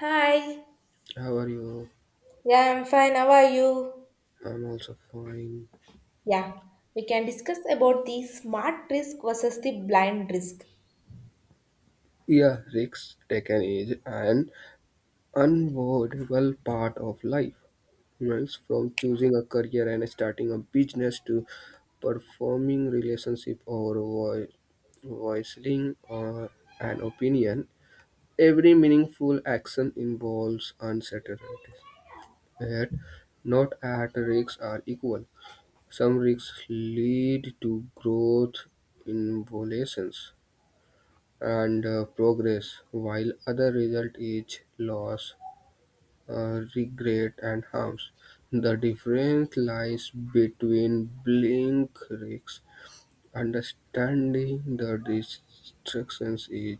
Hi. How are you? Yeah, I'm fine. How are you? I'm also fine. Yeah, we can discuss about the smart risk versus the blind risk. Yeah, risks taken is an unavoidable part of life. Right? From choosing a career and starting a business to performing relationship or voicing or an opinion, every meaningful action involves uncertainties. Yet, not all risks are equal. Some risks lead to growth in violations and progress, while other result is loss, regret, and harms. The difference lies between blink risks. Understanding the distractions is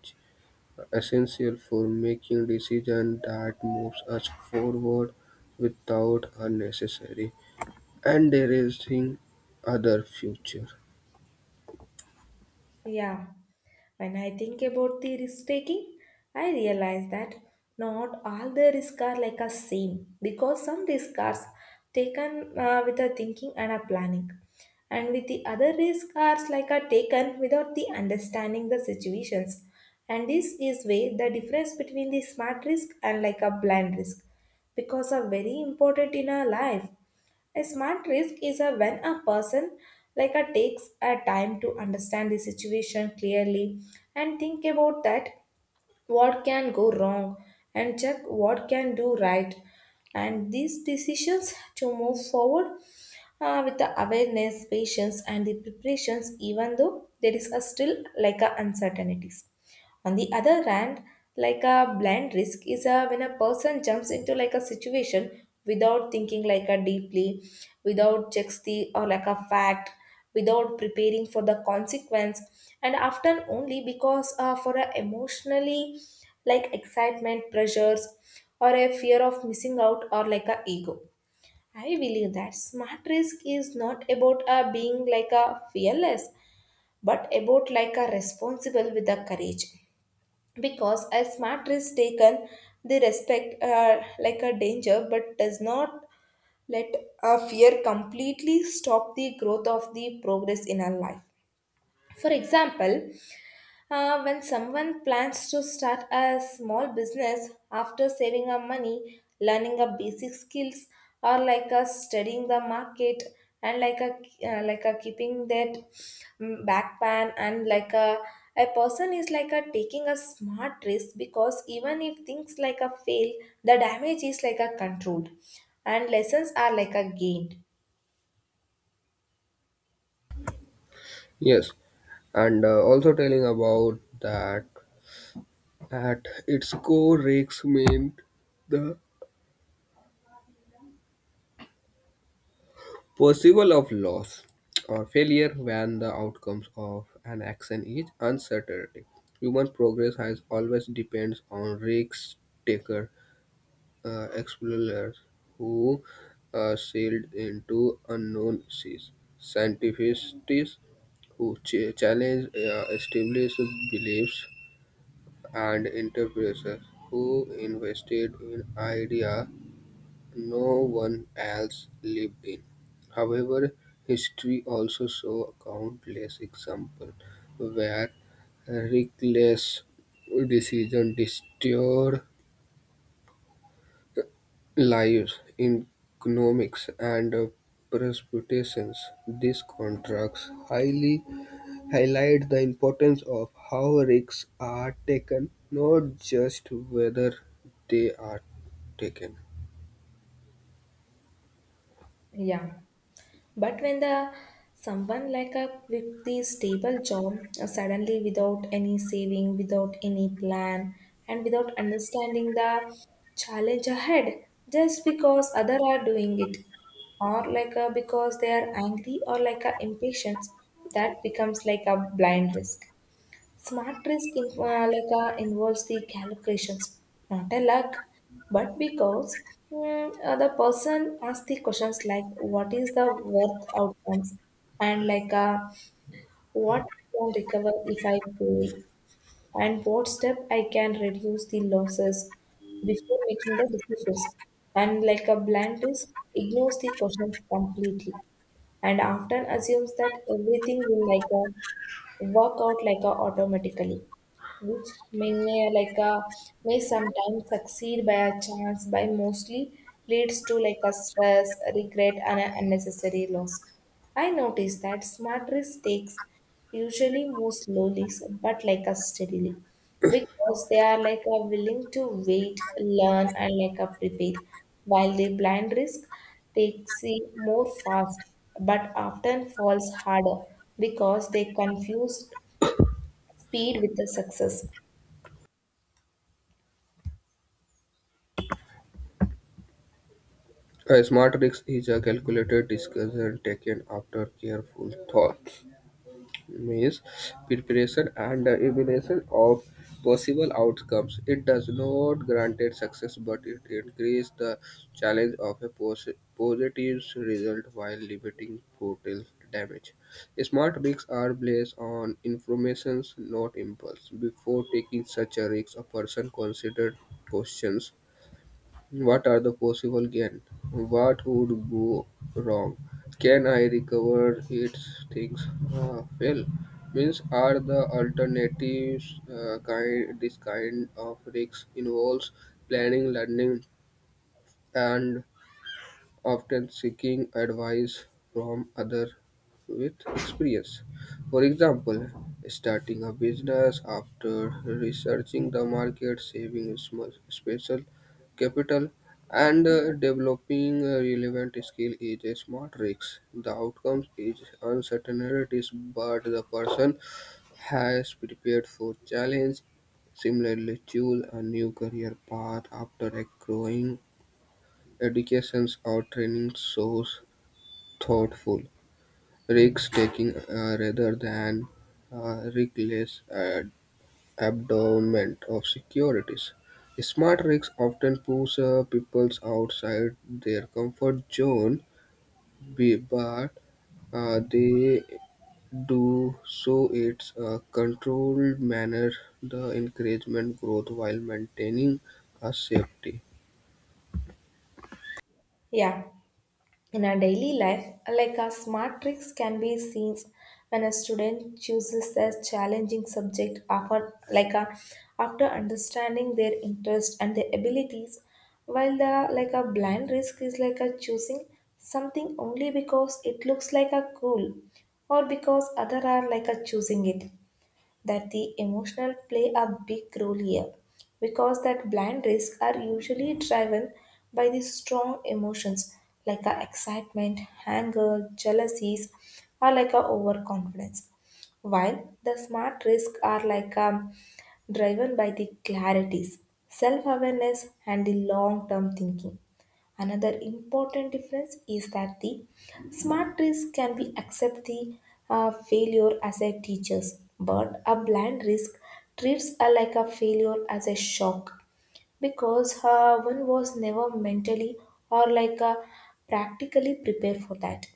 essential for making decisions that moves us forward without unnecessary and deranging other future. Yeah, when I think about the risk taking, I realize that not all the risks are like a same because some risks are taken with a thinking and a planning, and with the other risks are like a taken without the understanding the situations. And this is way the difference between the smart risk and like a blind risk because are very important in our life, a smart risk is a when a person like a takes a time to understand the situation clearly and think about that what can go wrong and check what can do right and these decisions to move forward with the awareness patience and the preparations even though there is a still like a uncertainties. On the other hand, like a blind risk is a when a person jumps into like a situation without thinking like a deeply, without checks the or like a fact, without preparing for the consequence, and often only because for a emotionally like excitement pressures or a fear of missing out or like a ego. I believe that smart risk is not about being like a fearless but about like a responsible with the courage because a smart risk taken they respect like a danger but does not let a fear completely stop the growth of the progress in our life. For example, when someone plans to start a small business after saving up money, learning up basic skills, or like a studying the market and like a keeping that back plan and like a person is like a taking a smart risk because even if things like a fail, the damage is like a controlled and lessons are like a gained. Yes, and also telling about that at its core, risks mean the possible of loss or failure when the outcomes of an action is uncertainty. Human progress has always depends on risk taker explorers who sailed into unknown seas, scientists who challenge established beliefs, and entrepreneurs who invested in idea. No one else lived in. However, history also shows countless examples where reckless decisions destroyed lives, economics, and prospections. These contracts highly highlight the importance of how risks are taken, not just whether they are taken. Yeah. But when the someone like a with the stable job suddenly without any saving, without any plan, and without understanding the challenge ahead, just because other are doing it, or like a, because they are angry or like a impatient, that becomes like a blind risk. Smart risk in, like involves the calculations, not a luck, but because the person asks the questions like what is the worth outcomes and like what I can recover if I pay and what step I can reduce the losses before making the decisions. And like a blind risk ignores the questions completely and often assumes that everything will like a work out like a automatically, which like uh, may sometimes succeed by a chance by mostly leads to like a stress regret and an unnecessary loss. I notice that smart risk takes usually move slowly but like a steadily because they are like a willing to wait learn and like a prepare while the blind risk takes see more fast but often falls harder because they confuse speed with the success. A smart risk is a calculated decision taken after careful thought, means preparation and the evaluation of possible outcomes. It does not grant it success, but it increases the challenge of a positive result while limiting total damage. Smart risks are based on information, not impulse. Before taking such a risk, a person considered questions: what are the possible gain? What would go wrong? Can I recover its things fail. Means are the alternatives kind? This kind of risks involves planning, learning, and often seeking advice from others with experience. For example, starting a business after researching the market, saving small special capital, and developing a relevant skill is a smart risk. The outcomes is uncertainties, but the person has prepared for challenge. Similarly, choose a new career path after a growing educations or training shows thoughtful, risk-taking rather than reckless abandonment of securities. Smart risks often push people outside their comfort zone, but they do so in a controlled manner, the encouragement growth while maintaining a safety. Yeah, in our daily life, like our smart tricks can be seen when a student chooses a challenging subject after, like a, after understanding their interest and their abilities, while the like a blind risk is like a choosing something only because it looks like a cool or because other are like a choosing it that the emotional play a big role here because that blind risks are usually driven by the strong emotions like a excitement, anger, jealousies, or like a overconfidence. While the smart risks are like driven by the clarities, self-awareness, and the long-term thinking. Another important difference is that the smart risk can be accept the failure as a teachers, but a blind risk treats a, like a failure as a shock because one was never mentally or like a practically prepared for that.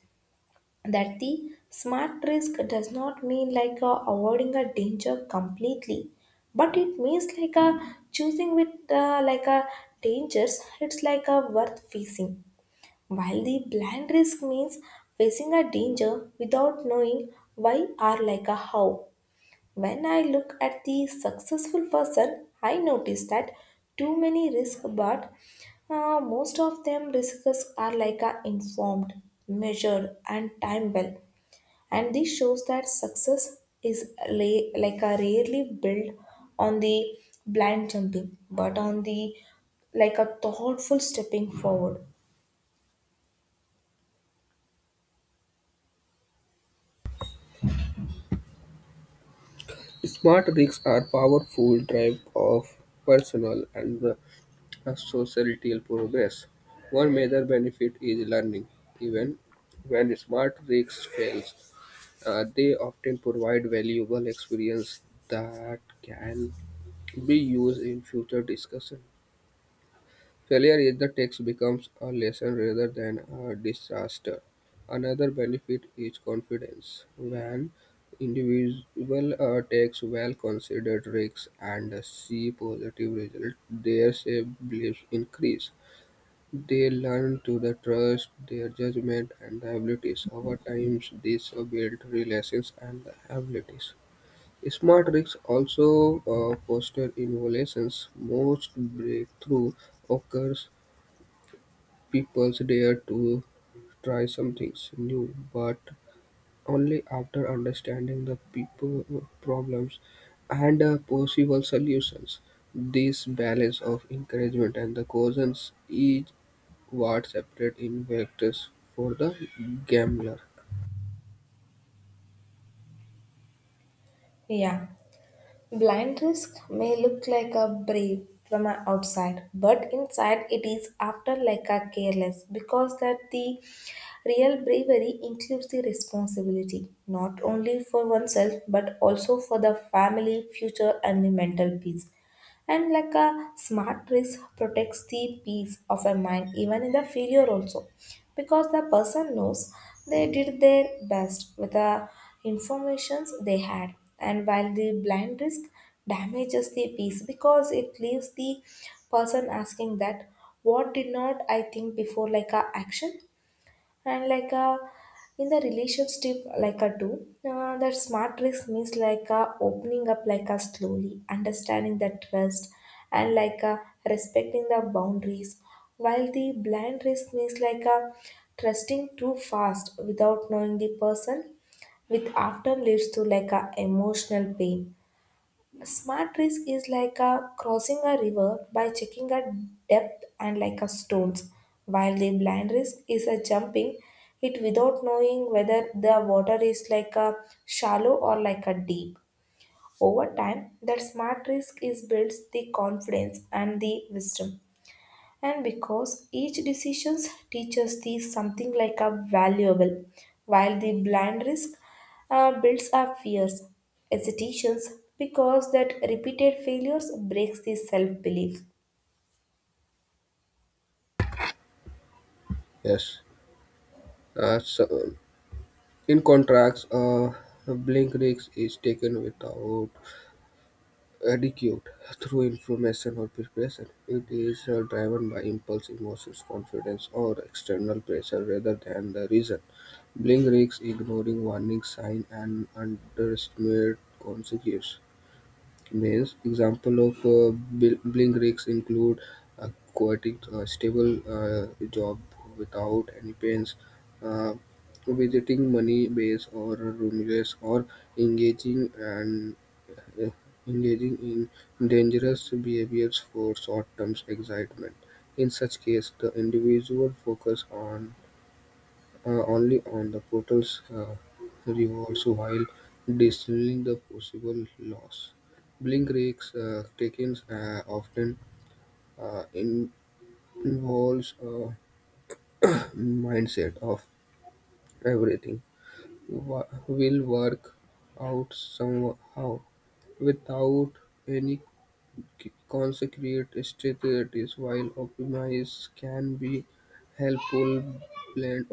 That the smart risk does not mean like avoiding a danger completely, but it means like a choosing with like a dangers. It's like a worth facing while the blind risk means facing a danger without knowing why or like a how. When I look at the successful person, I notice that too many risk, but most of them risks are like a informed, measured, and time well. And this shows that success is like a rarely built on the blind jumping, but on the like a thoughtful stepping forward. Smart rigs are powerful drive of personal and societal progress. One major benefit is learning. Even when smart rigs fail, they often provide valuable experience that can be used in future discussion. Failure in the text becomes a lesson rather than a disaster. Another benefit is confidence. When individual takes well-considered risks and see positive results, their self-beliefs increase. They learn to the trust their judgment and abilities. Over time, these build relations and abilities. Smart rigs also foster innovations. Most breakthrough occurs people dare to try something new, but only after understanding the people problems and possible solutions. This balance of encouragement and the cautions is what separate investors for the gambler. Yeah. Blind risk may look like a brave from a outside, but inside it is after like a careless because that the real bravery includes the responsibility not only for oneself but also for the family, future, and the mental peace, and like a smart risk protects the peace of a mind even in the failure also because the person knows they did their best with the informations they had, and while the blind risk damages the peace because it leaves the person asking that what did not I think before like a action and like in the relationship like a do that smart risk means like opening up like a slowly understanding the trust and like respecting the boundaries while the blind risk means like trusting too fast without knowing the person with after leads to like a emotional pain. A smart risk is like a crossing a river by checking a depth and like a stones, while the blind risk is a jumping it without knowing whether the water is like a shallow or like a deep. Over time, that smart risk is builds the confidence and the wisdom and because each decision teaches thee something like a valuable, while the blind risk builds up fears, hesitations, because that repeated failures breaks the self-belief. Yes. So in contracts, blink risk is taken without adequate through information or preparation. It is driven by impulse, emotions, confidence, or external pressure rather than the reason. Blink risks ignoring warning sign and underestimate consequences maize. Examples of billing rigs include quoting a stable job without any pains, uh, visiting money base or remuneration, or engaging and uh, engaging in dangerous behaviors for short-term excitement. In such case, the individual focus on only on the portal's rewards while distilling the possible loss. Blink rigs tokens often uh, in- involves a mindset of everything will work out somehow without any consecrate strategies, while optimize can be helpful blend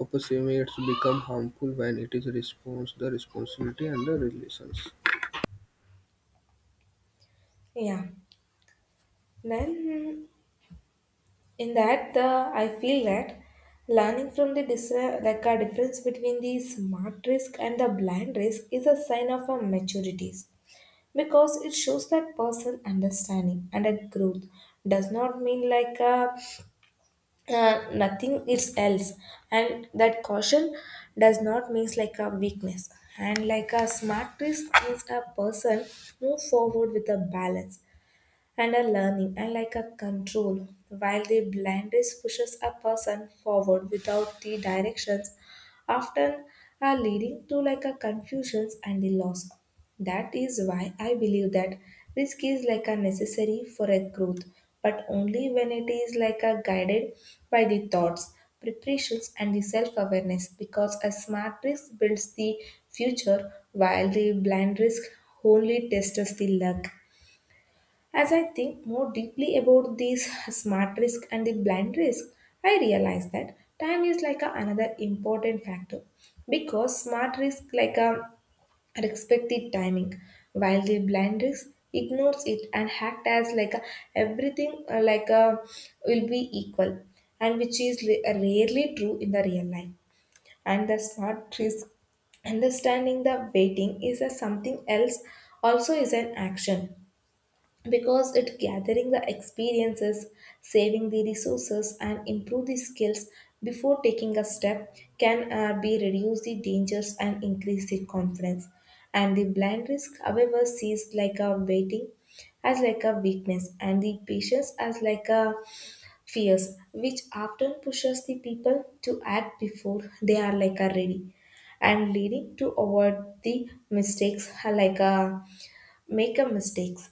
approximates become harmful when it is response the responsibility and the relations. Yeah. Then in that the I feel that learning from the like a difference between the smart risk and the blind risk is a sign of a maturities because it shows that person understanding and a growth does not mean like a uh, nothing is else and that caution does not means like a weakness, and like a smart risk means a person move forward with a balance and a learning and like a control, while the blindness pushes a person forward without the directions, often are leading to like a confusions and the loss. That is why I believe that risk is like a necessary for a growth, but only when it is like a guided by the thoughts, preparations, and the self-awareness. Because a smart risk builds the future, while the blind risk only tests the luck. As I think more deeply about these smart risk and the blind risk, I realize that time is another important factor because smart risk like a respect the timing while the blind risk ignores it and act as like a everything like a will be equal and which is rarely true in the real life and the smart risk understanding the waiting is a something else also is an action because it gathering the experiences saving the resources and improve the skills before taking a step can be reduce the dangers and increase the confidence. And the blind risk however sees like a waiting as like a weakness and the patience as like a fears which often pushes the people to act before they are like a ready and leading to avoid the mistakes like a make a mistakes.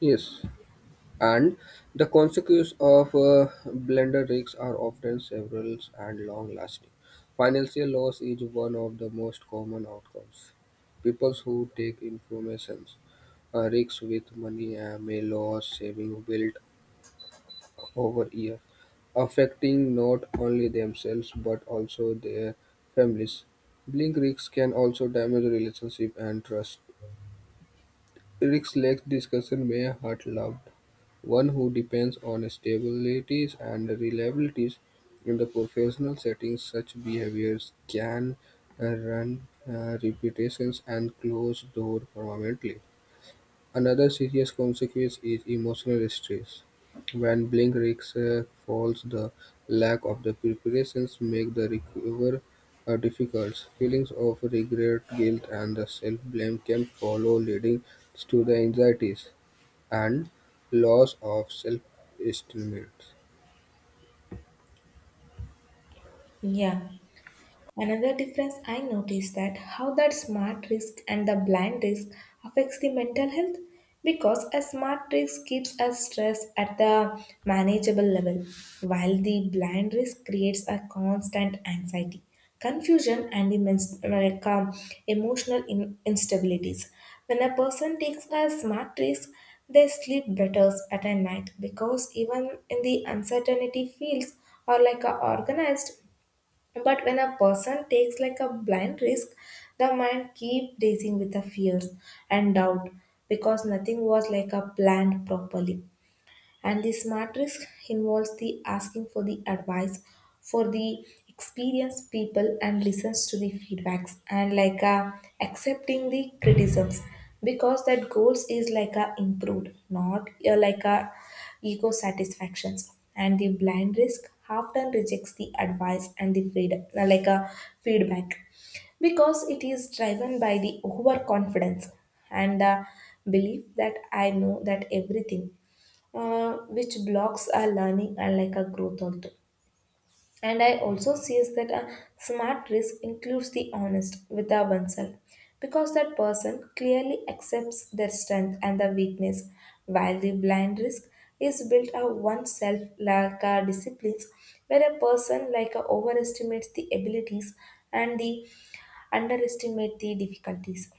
Yes, and the consequences of blender risks are often several and long-lasting. Financial loss is one of the most common outcomes. People who take information risks with money may lose saving built over year, affecting not only themselves but also their families. Blink risks can also damage relationship and trust. Risk led discussion may hurt loved one who depends on stabilities and reliabilities in the professional settings. Such behaviors can run reputations and close door permanently. Another serious consequence is emotional stress. When blink risks falls, the lack of the preparations make the recover difficult. Feelings of regret, guilt, and the self-blame can follow, leading to the anxieties and loss of self-estimate. Yeah. Another difference I noticed that how that smart risk and the blind risk affects the mental health because a smart risk keeps us stress at the manageable level while the blind risk creates a constant anxiety confusion and the like, emotional instabilities. When a person takes a smart risk they sleep better at a night because even in the uncertainty fields or like a organized but when a person takes like a blind risk, the mind keep racing with the fears and doubt because nothing was like a planned properly. And the smart risk involves the asking for the advice for the experienced people and listens to the feedbacks and like accepting the criticisms because that goals is like a improved not like a ego satisfactions. And the blind risk often rejects the advice and the freedom like a feedback because it is driven by the overconfidence and the belief that I know that everything which blocks our learning and like our growth also. And I also see is that a smart risk includes the honest with our oneself because that person clearly accepts their strength and their weakness, while the blind risk is built of oneself like a disciplines where a person like a overestimates the abilities and the underestimate the difficulties.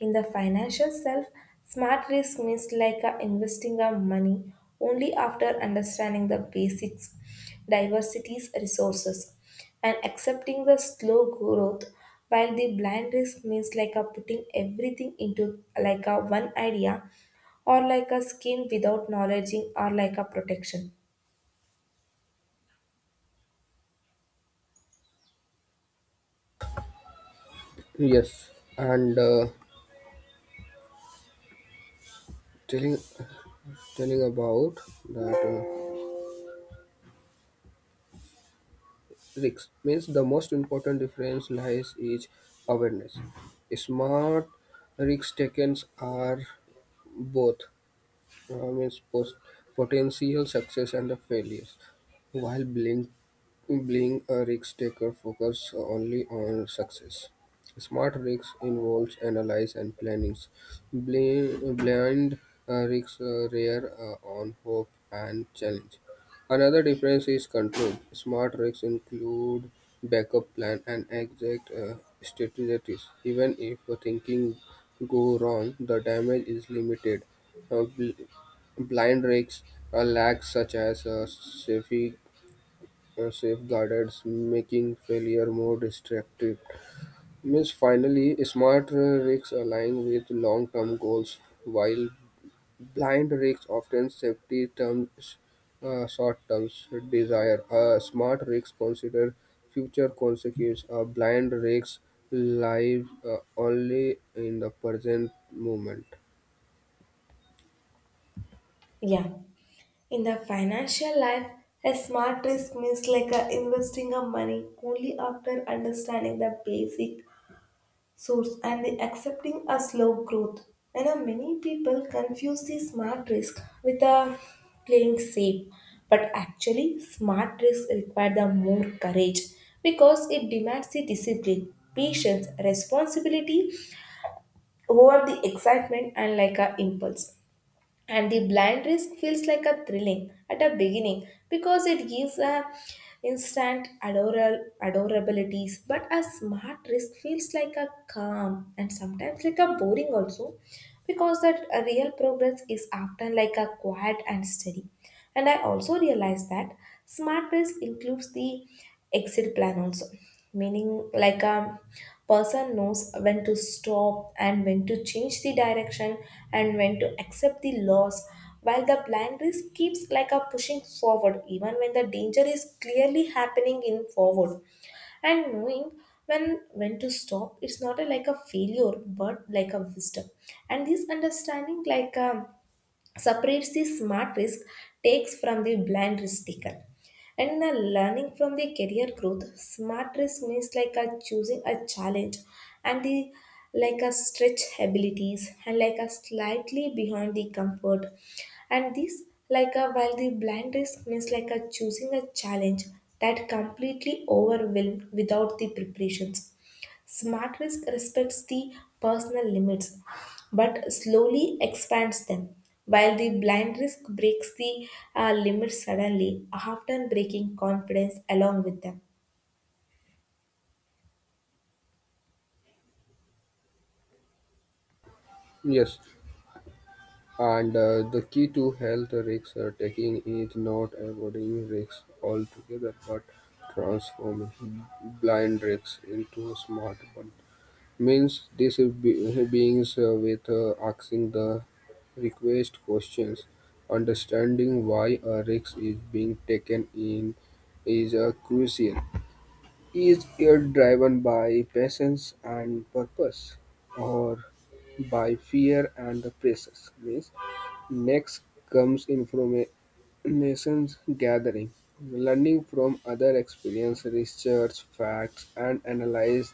In the financial self, smart risk means like investing our money only after understanding the basics, diversities, resources, and accepting the slow growth. While the blind risk means like a putting everything into like a one idea or like a scheme without knowledge or like a protection. Yes, and telling telling about that. Risks means the most important difference lies is awareness. Smart risk takers are both its potential success and the failures. While Blink a risk taker focus only on success. Smart rigs involves analyze and plannings. Blind rigs rear on hope and challenge. Another difference is control. Smart rigs include backup plan and exact strategies. Even if a thinking go wrong, the damage is limited. Uh, bl- Blind rigs lack such as safety safeguards, making failure more destructive. Means finally, smart rigs align with long-term goals, while blind rigs often safety terms short-term desire. Smart rigs consider future consequences. Blind rigs live only in the present moment. Yeah. In the financial life, a smart risk means like a investing of money only after understanding the basic source and the accepting a slow growth. And many people confuse the smart risk with a playing safe, but actually, smart risk require the more courage because it demands the discipline, patience, responsibility over the excitement and like a impulse. And the blind risk feels like a thrilling at a beginning because it gives a instant adoral adorabilities, but a smart risk feels like a calm and sometimes like a boring also, because that a real progress is often like a quiet and steady. And I also realized that smart risk includes the exit plan also, meaning like a person knows when to stop and when to change the direction and when to accept the loss, while the blind risk keeps like a pushing forward even when the danger is clearly happening in forward. And knowing when to stop it's not a, like a failure, but like a wisdom. And this understanding like separates the smart risk takes from the blind risk taken. And the learning from the career growth, smart risk means like a choosing a challenge and the like a stretch abilities and like a slightly behind the comfort. And this like a while the blind risk means like a choosing a challenge that completely overwhelmed without the preparations. Smart risk respects the personal limits but slowly expands them, while the blind risk breaks the limits suddenly, often breaking confidence along with them. Yes. And the key to health risk taking is not avoiding risks altogether, but transforming blind risks into smart ones. Means these beings with asking the request questions, understanding why a risk is being taken in is crucial. Is it driven by patience and purpose, or by fear and the pressures? Means next comes information gathering, learning from other experiences, research facts, and analyze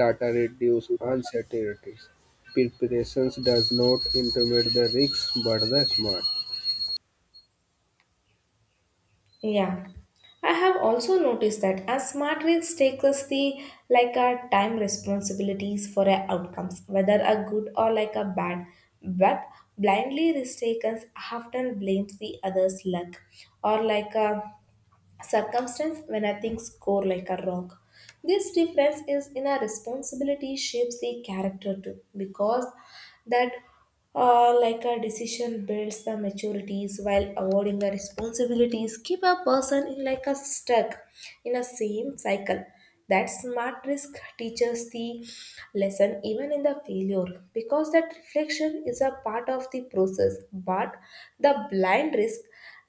data reduce uncertainties. Preparation does not intimidate the risks but the smart. Yeah. I have also noticed that as smart risk takes us the like our time responsibilities for our outcomes, whether a good or like a bad. But blindly risk takers often blames the others' luck or like a circumstance when I think score like a rock. This difference is in a responsibility shapes the character too, because that like a decision builds the maturities, while avoiding the responsibilities keep a person in like a stuck in a same cycle. That smart risk teaches the lesson even in the failure, because that reflection is a part of the process, but the blind risk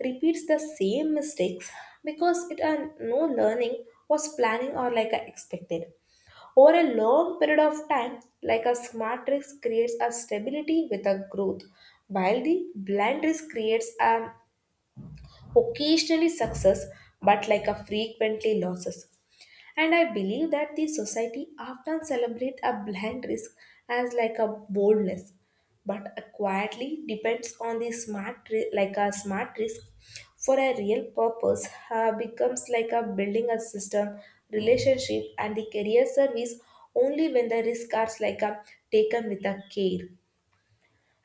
repeats the same mistakes because it are no learning was planning or like a expected over a long period of time. Like a smart risk creates a stability with a growth, while the blind risk creates a occasionally success but like a frequently losses. And I believe that the society often celebrate a blind risk as like a boldness, but a quietly depends on the like a smart risk for a real purpose. Becomes like a building a system, relationship and the career service only when the risks are like a taken with a care.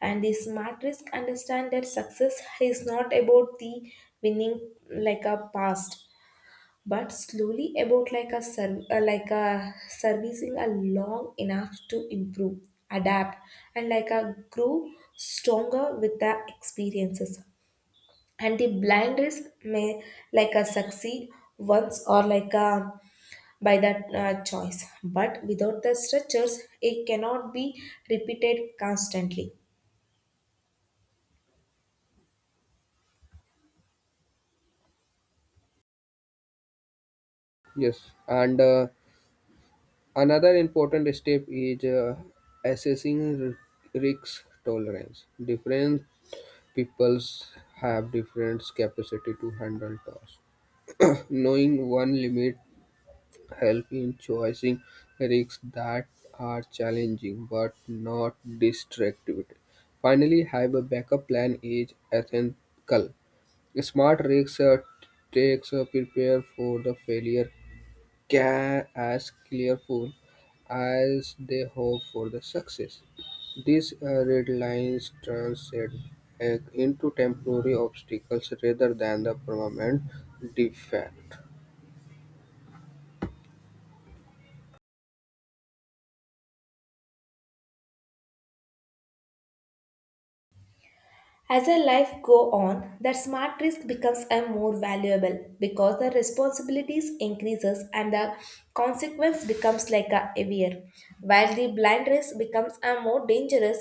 And the smart risk understand that success is not about the winning like a past, but slowly about like a like a servicing a long enough to improve, adapt and like a grow stronger with the experiences. And the blind risk may like a succeed once or like a by that choice, but without the structures it cannot be repeated constantly. Yes, and another important step is assessing risk tolerance. Different peoples have different capacity to handle tasks. Knowing one limit help in choosing risks that are challenging but not destructive. Finally, have a backup plan is ethical. Smart risks takes a prepare for the failure can as careful as they hope for the success. These red lines transit into temporary obstacles rather than the permanent defect. As our life go on, that smart risk becomes a more valuable because the responsibilities increases and the consequence becomes like a heavier, while the blind risk becomes a more dangerous.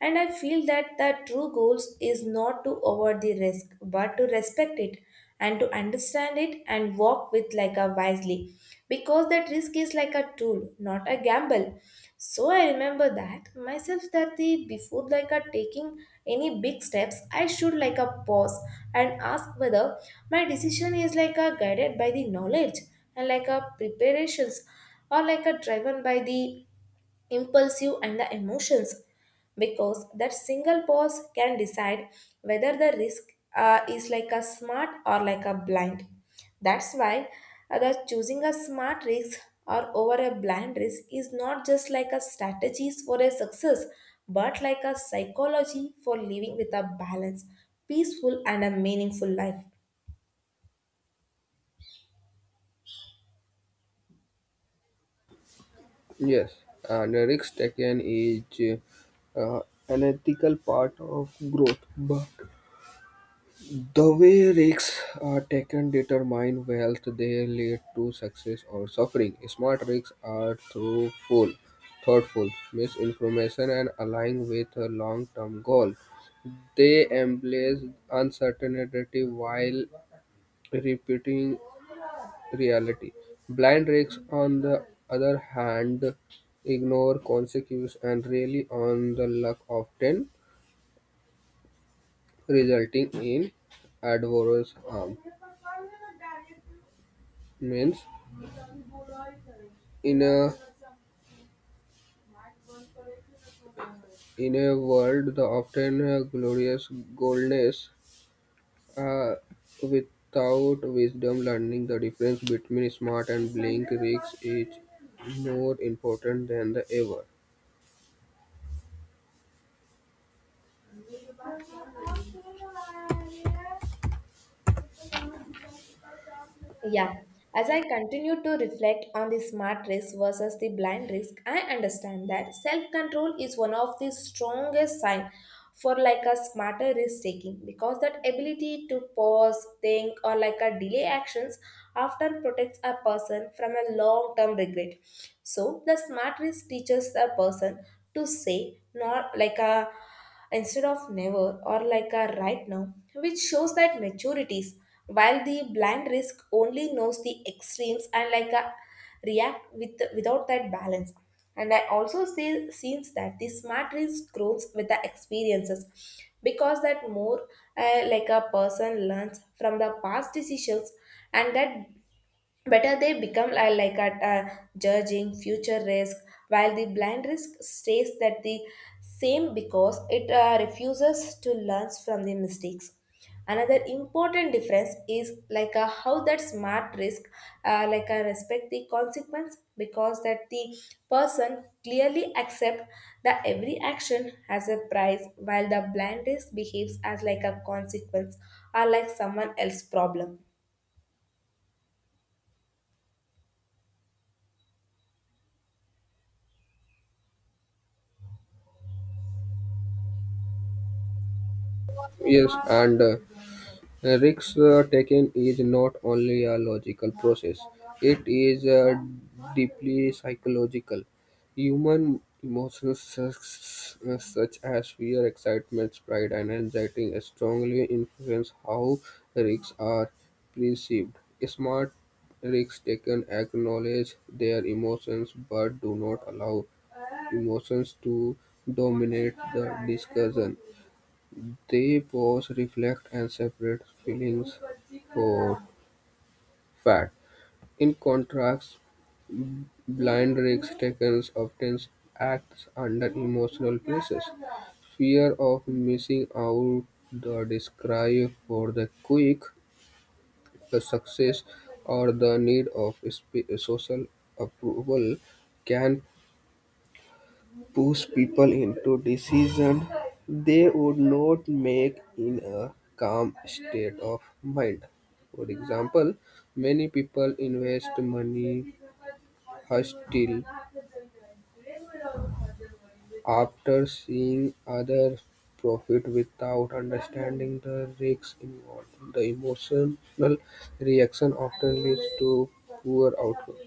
And I feel that the true goals is not to avoid the risk, but to respect it and to understand it and walk with like a wisely, because that risk is like a tool, not a gamble. So I remember that myself that the before like a taking any big steps I should like a pause and ask whether my decision is like a guided by the knowledge and like a preparations or like a driven by the impulsive and the emotions, because that single pause can decide whether the risk is like a smart or like a blind. That's why the choosing a smart risk or over a blind risk is not just like a strategies for a success, but like a psychology for living with a balanced, peaceful and a meaningful life. Yes, and risk taken is uh, an ethical part of growth, but the way risks are taken determine wealth they lead to success or suffering. Smart risks are thoughtful, misinformation and align with a long-term goal. They embrace uncertainty while repeating reality. Blind rakes, on the other hand, ignore consequences and rely on the luck, often resulting in adverse harm. Means, in a in a world the often glorious goldness, uh, without wisdom, learning the difference between smart and blink risks is more important than the ever. Yeah, as I continue to reflect on the smart risk versus the blind risk, I understand that self-control is one of the strongest sign for like a smarter risk taking, because that ability to pause, think, or like a delay actions often protects a person from a long-term regret. So the smart risk teaches a person to say not like a instead of never or like a right now, which shows that maturities, while the blind risk only knows the extremes and like a react with without that balance. And I also see scenes that the smart risk grows with the experiences because that more like a person learns from the past decisions and that better they become like at judging future risk, while the blind risk stays that the same because it refuses to learn from the mistakes. Another important difference is like how that smart risk like respect the consequence, because that the person clearly accept that every action has a price, while the blind risk behaves as like a consequence or like someone else's problem. Yes, and. The risk taken is not only a logical process, it is deeply psychological. Human emotions such as fear, excitement, pride, and anxiety strongly influence how risks are perceived. Smart risk takers acknowledge their emotions but do not allow emotions to dominate the discussion. They pause, reflect, and separate feelings for fact. In contrast, blind risk takers often acts under emotional pressures. Fear of missing out, the desire for the quick the success, or the need of social approval can push people into decisions they would not make in a calm state of mind. For example, many people invest money hastily after seeing others profit without understanding the risks involved. The emotional reaction often leads to poor outcome.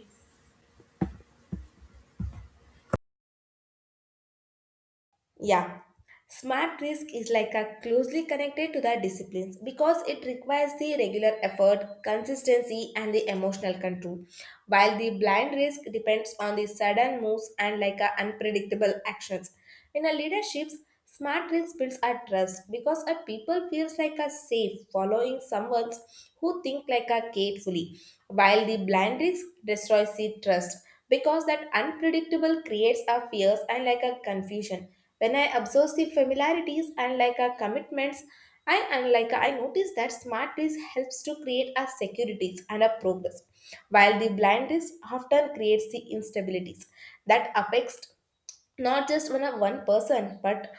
Yeah, smart risk is like a closely connected to the disciplines because it requires the regular effort, consistency, and the emotional control, while the blind risk depends on the sudden moves and like a unpredictable actions. In a leaderships, smart risk builds a trust because a people feels like a safe following someone who think like a carefully, while the blind risk destroys the trust because that unpredictable creates a fears and like a confusion. When I observe the familiarities and like our commitments, and unlike I notice that smart list helps to create our securities and our progress, while the blind list often creates the instabilities that affects not just one of one person but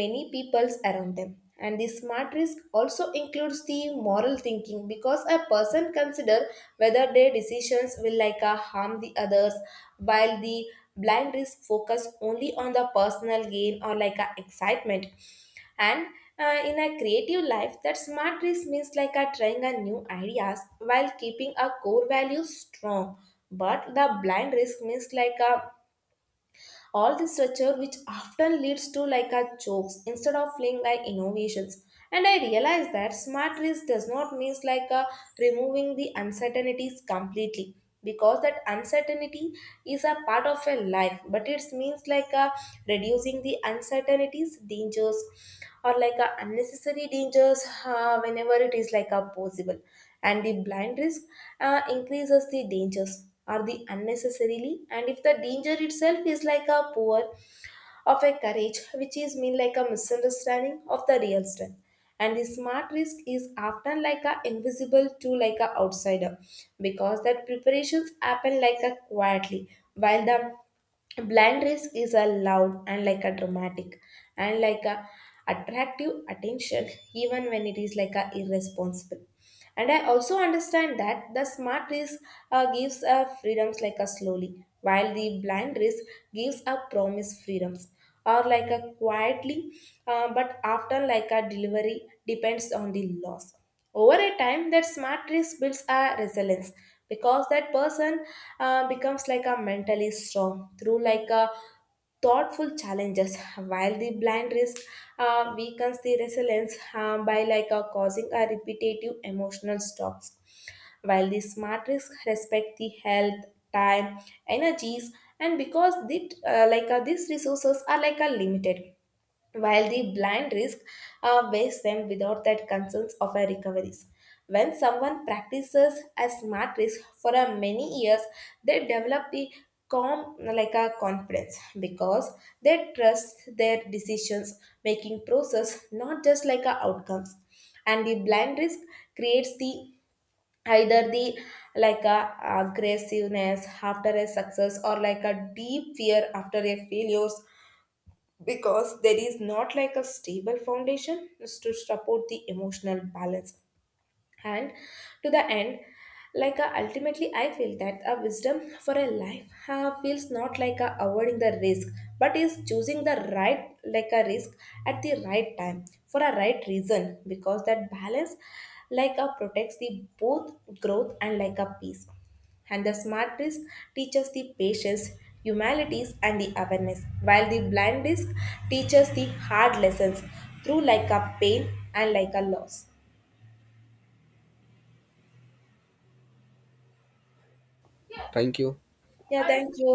many peoples around them. And the smart risk also includes the moral thinking because a person consider whether their decisions will like harm the others, while the blind risk focus only on the personal gain or like a excitement. And in a creative life that smart risk means like a trying a new ideas while keeping our core values strong, but the blind risk means like a all this structure, which often leads to like a jokes instead of feeling like innovations. And I realized that smart risk does not mean like a removing the uncertainties completely, because that uncertainty is a part of a life, but it means like a reducing the uncertainties dangers or like a unnecessary dangers whenever it is like a possible. And the blind risk increases the dangers or the unnecessarily, and if the danger itself is like a poor of a courage, which is mean like a misunderstanding of the real strength. And the smart risk is often like a invisible to like a outsider, because that preparations happen like a quietly, while the blind risk is a loud and like a dramatic and like a attractive attention even when it is like a irresponsible. And I also understand that the smart risk gives freedoms like a slowly, while the blind risk gives a promise freedoms or like a quietly, but often like a delivery depends on the loss. Over a time, that smart risk builds a resilience because that person becomes like a mentally strong through like a thoughtful challenges, while the blind risk weakens the resilience by like causing a repetitive emotional stops, while the smart risk respect the health, time, energies and because the, like these resources are like a limited, while the blind risk weighs them without that concerns of a recoveries. When someone practices a smart risk for a many years, they develop the calm like a confidence because they trust their decisions making process, not just like a outcomes. And the blind risk creates the either the like a aggressiveness after a success or like a deep fear after a failures, because there is not like a stable foundation to support the emotional balance. And to the end, like ultimately I feel that a wisdom for a life feels not like avoiding the risk, but is choosing the right like a risk at the right time for a right reason, because that balance like a protects the both growth and like a peace. And the smart risk teaches the patience, humanities and the awareness, while the blind risk teaches the hard lessons through like a pain and like a loss. Thank you. Yeah, thank you.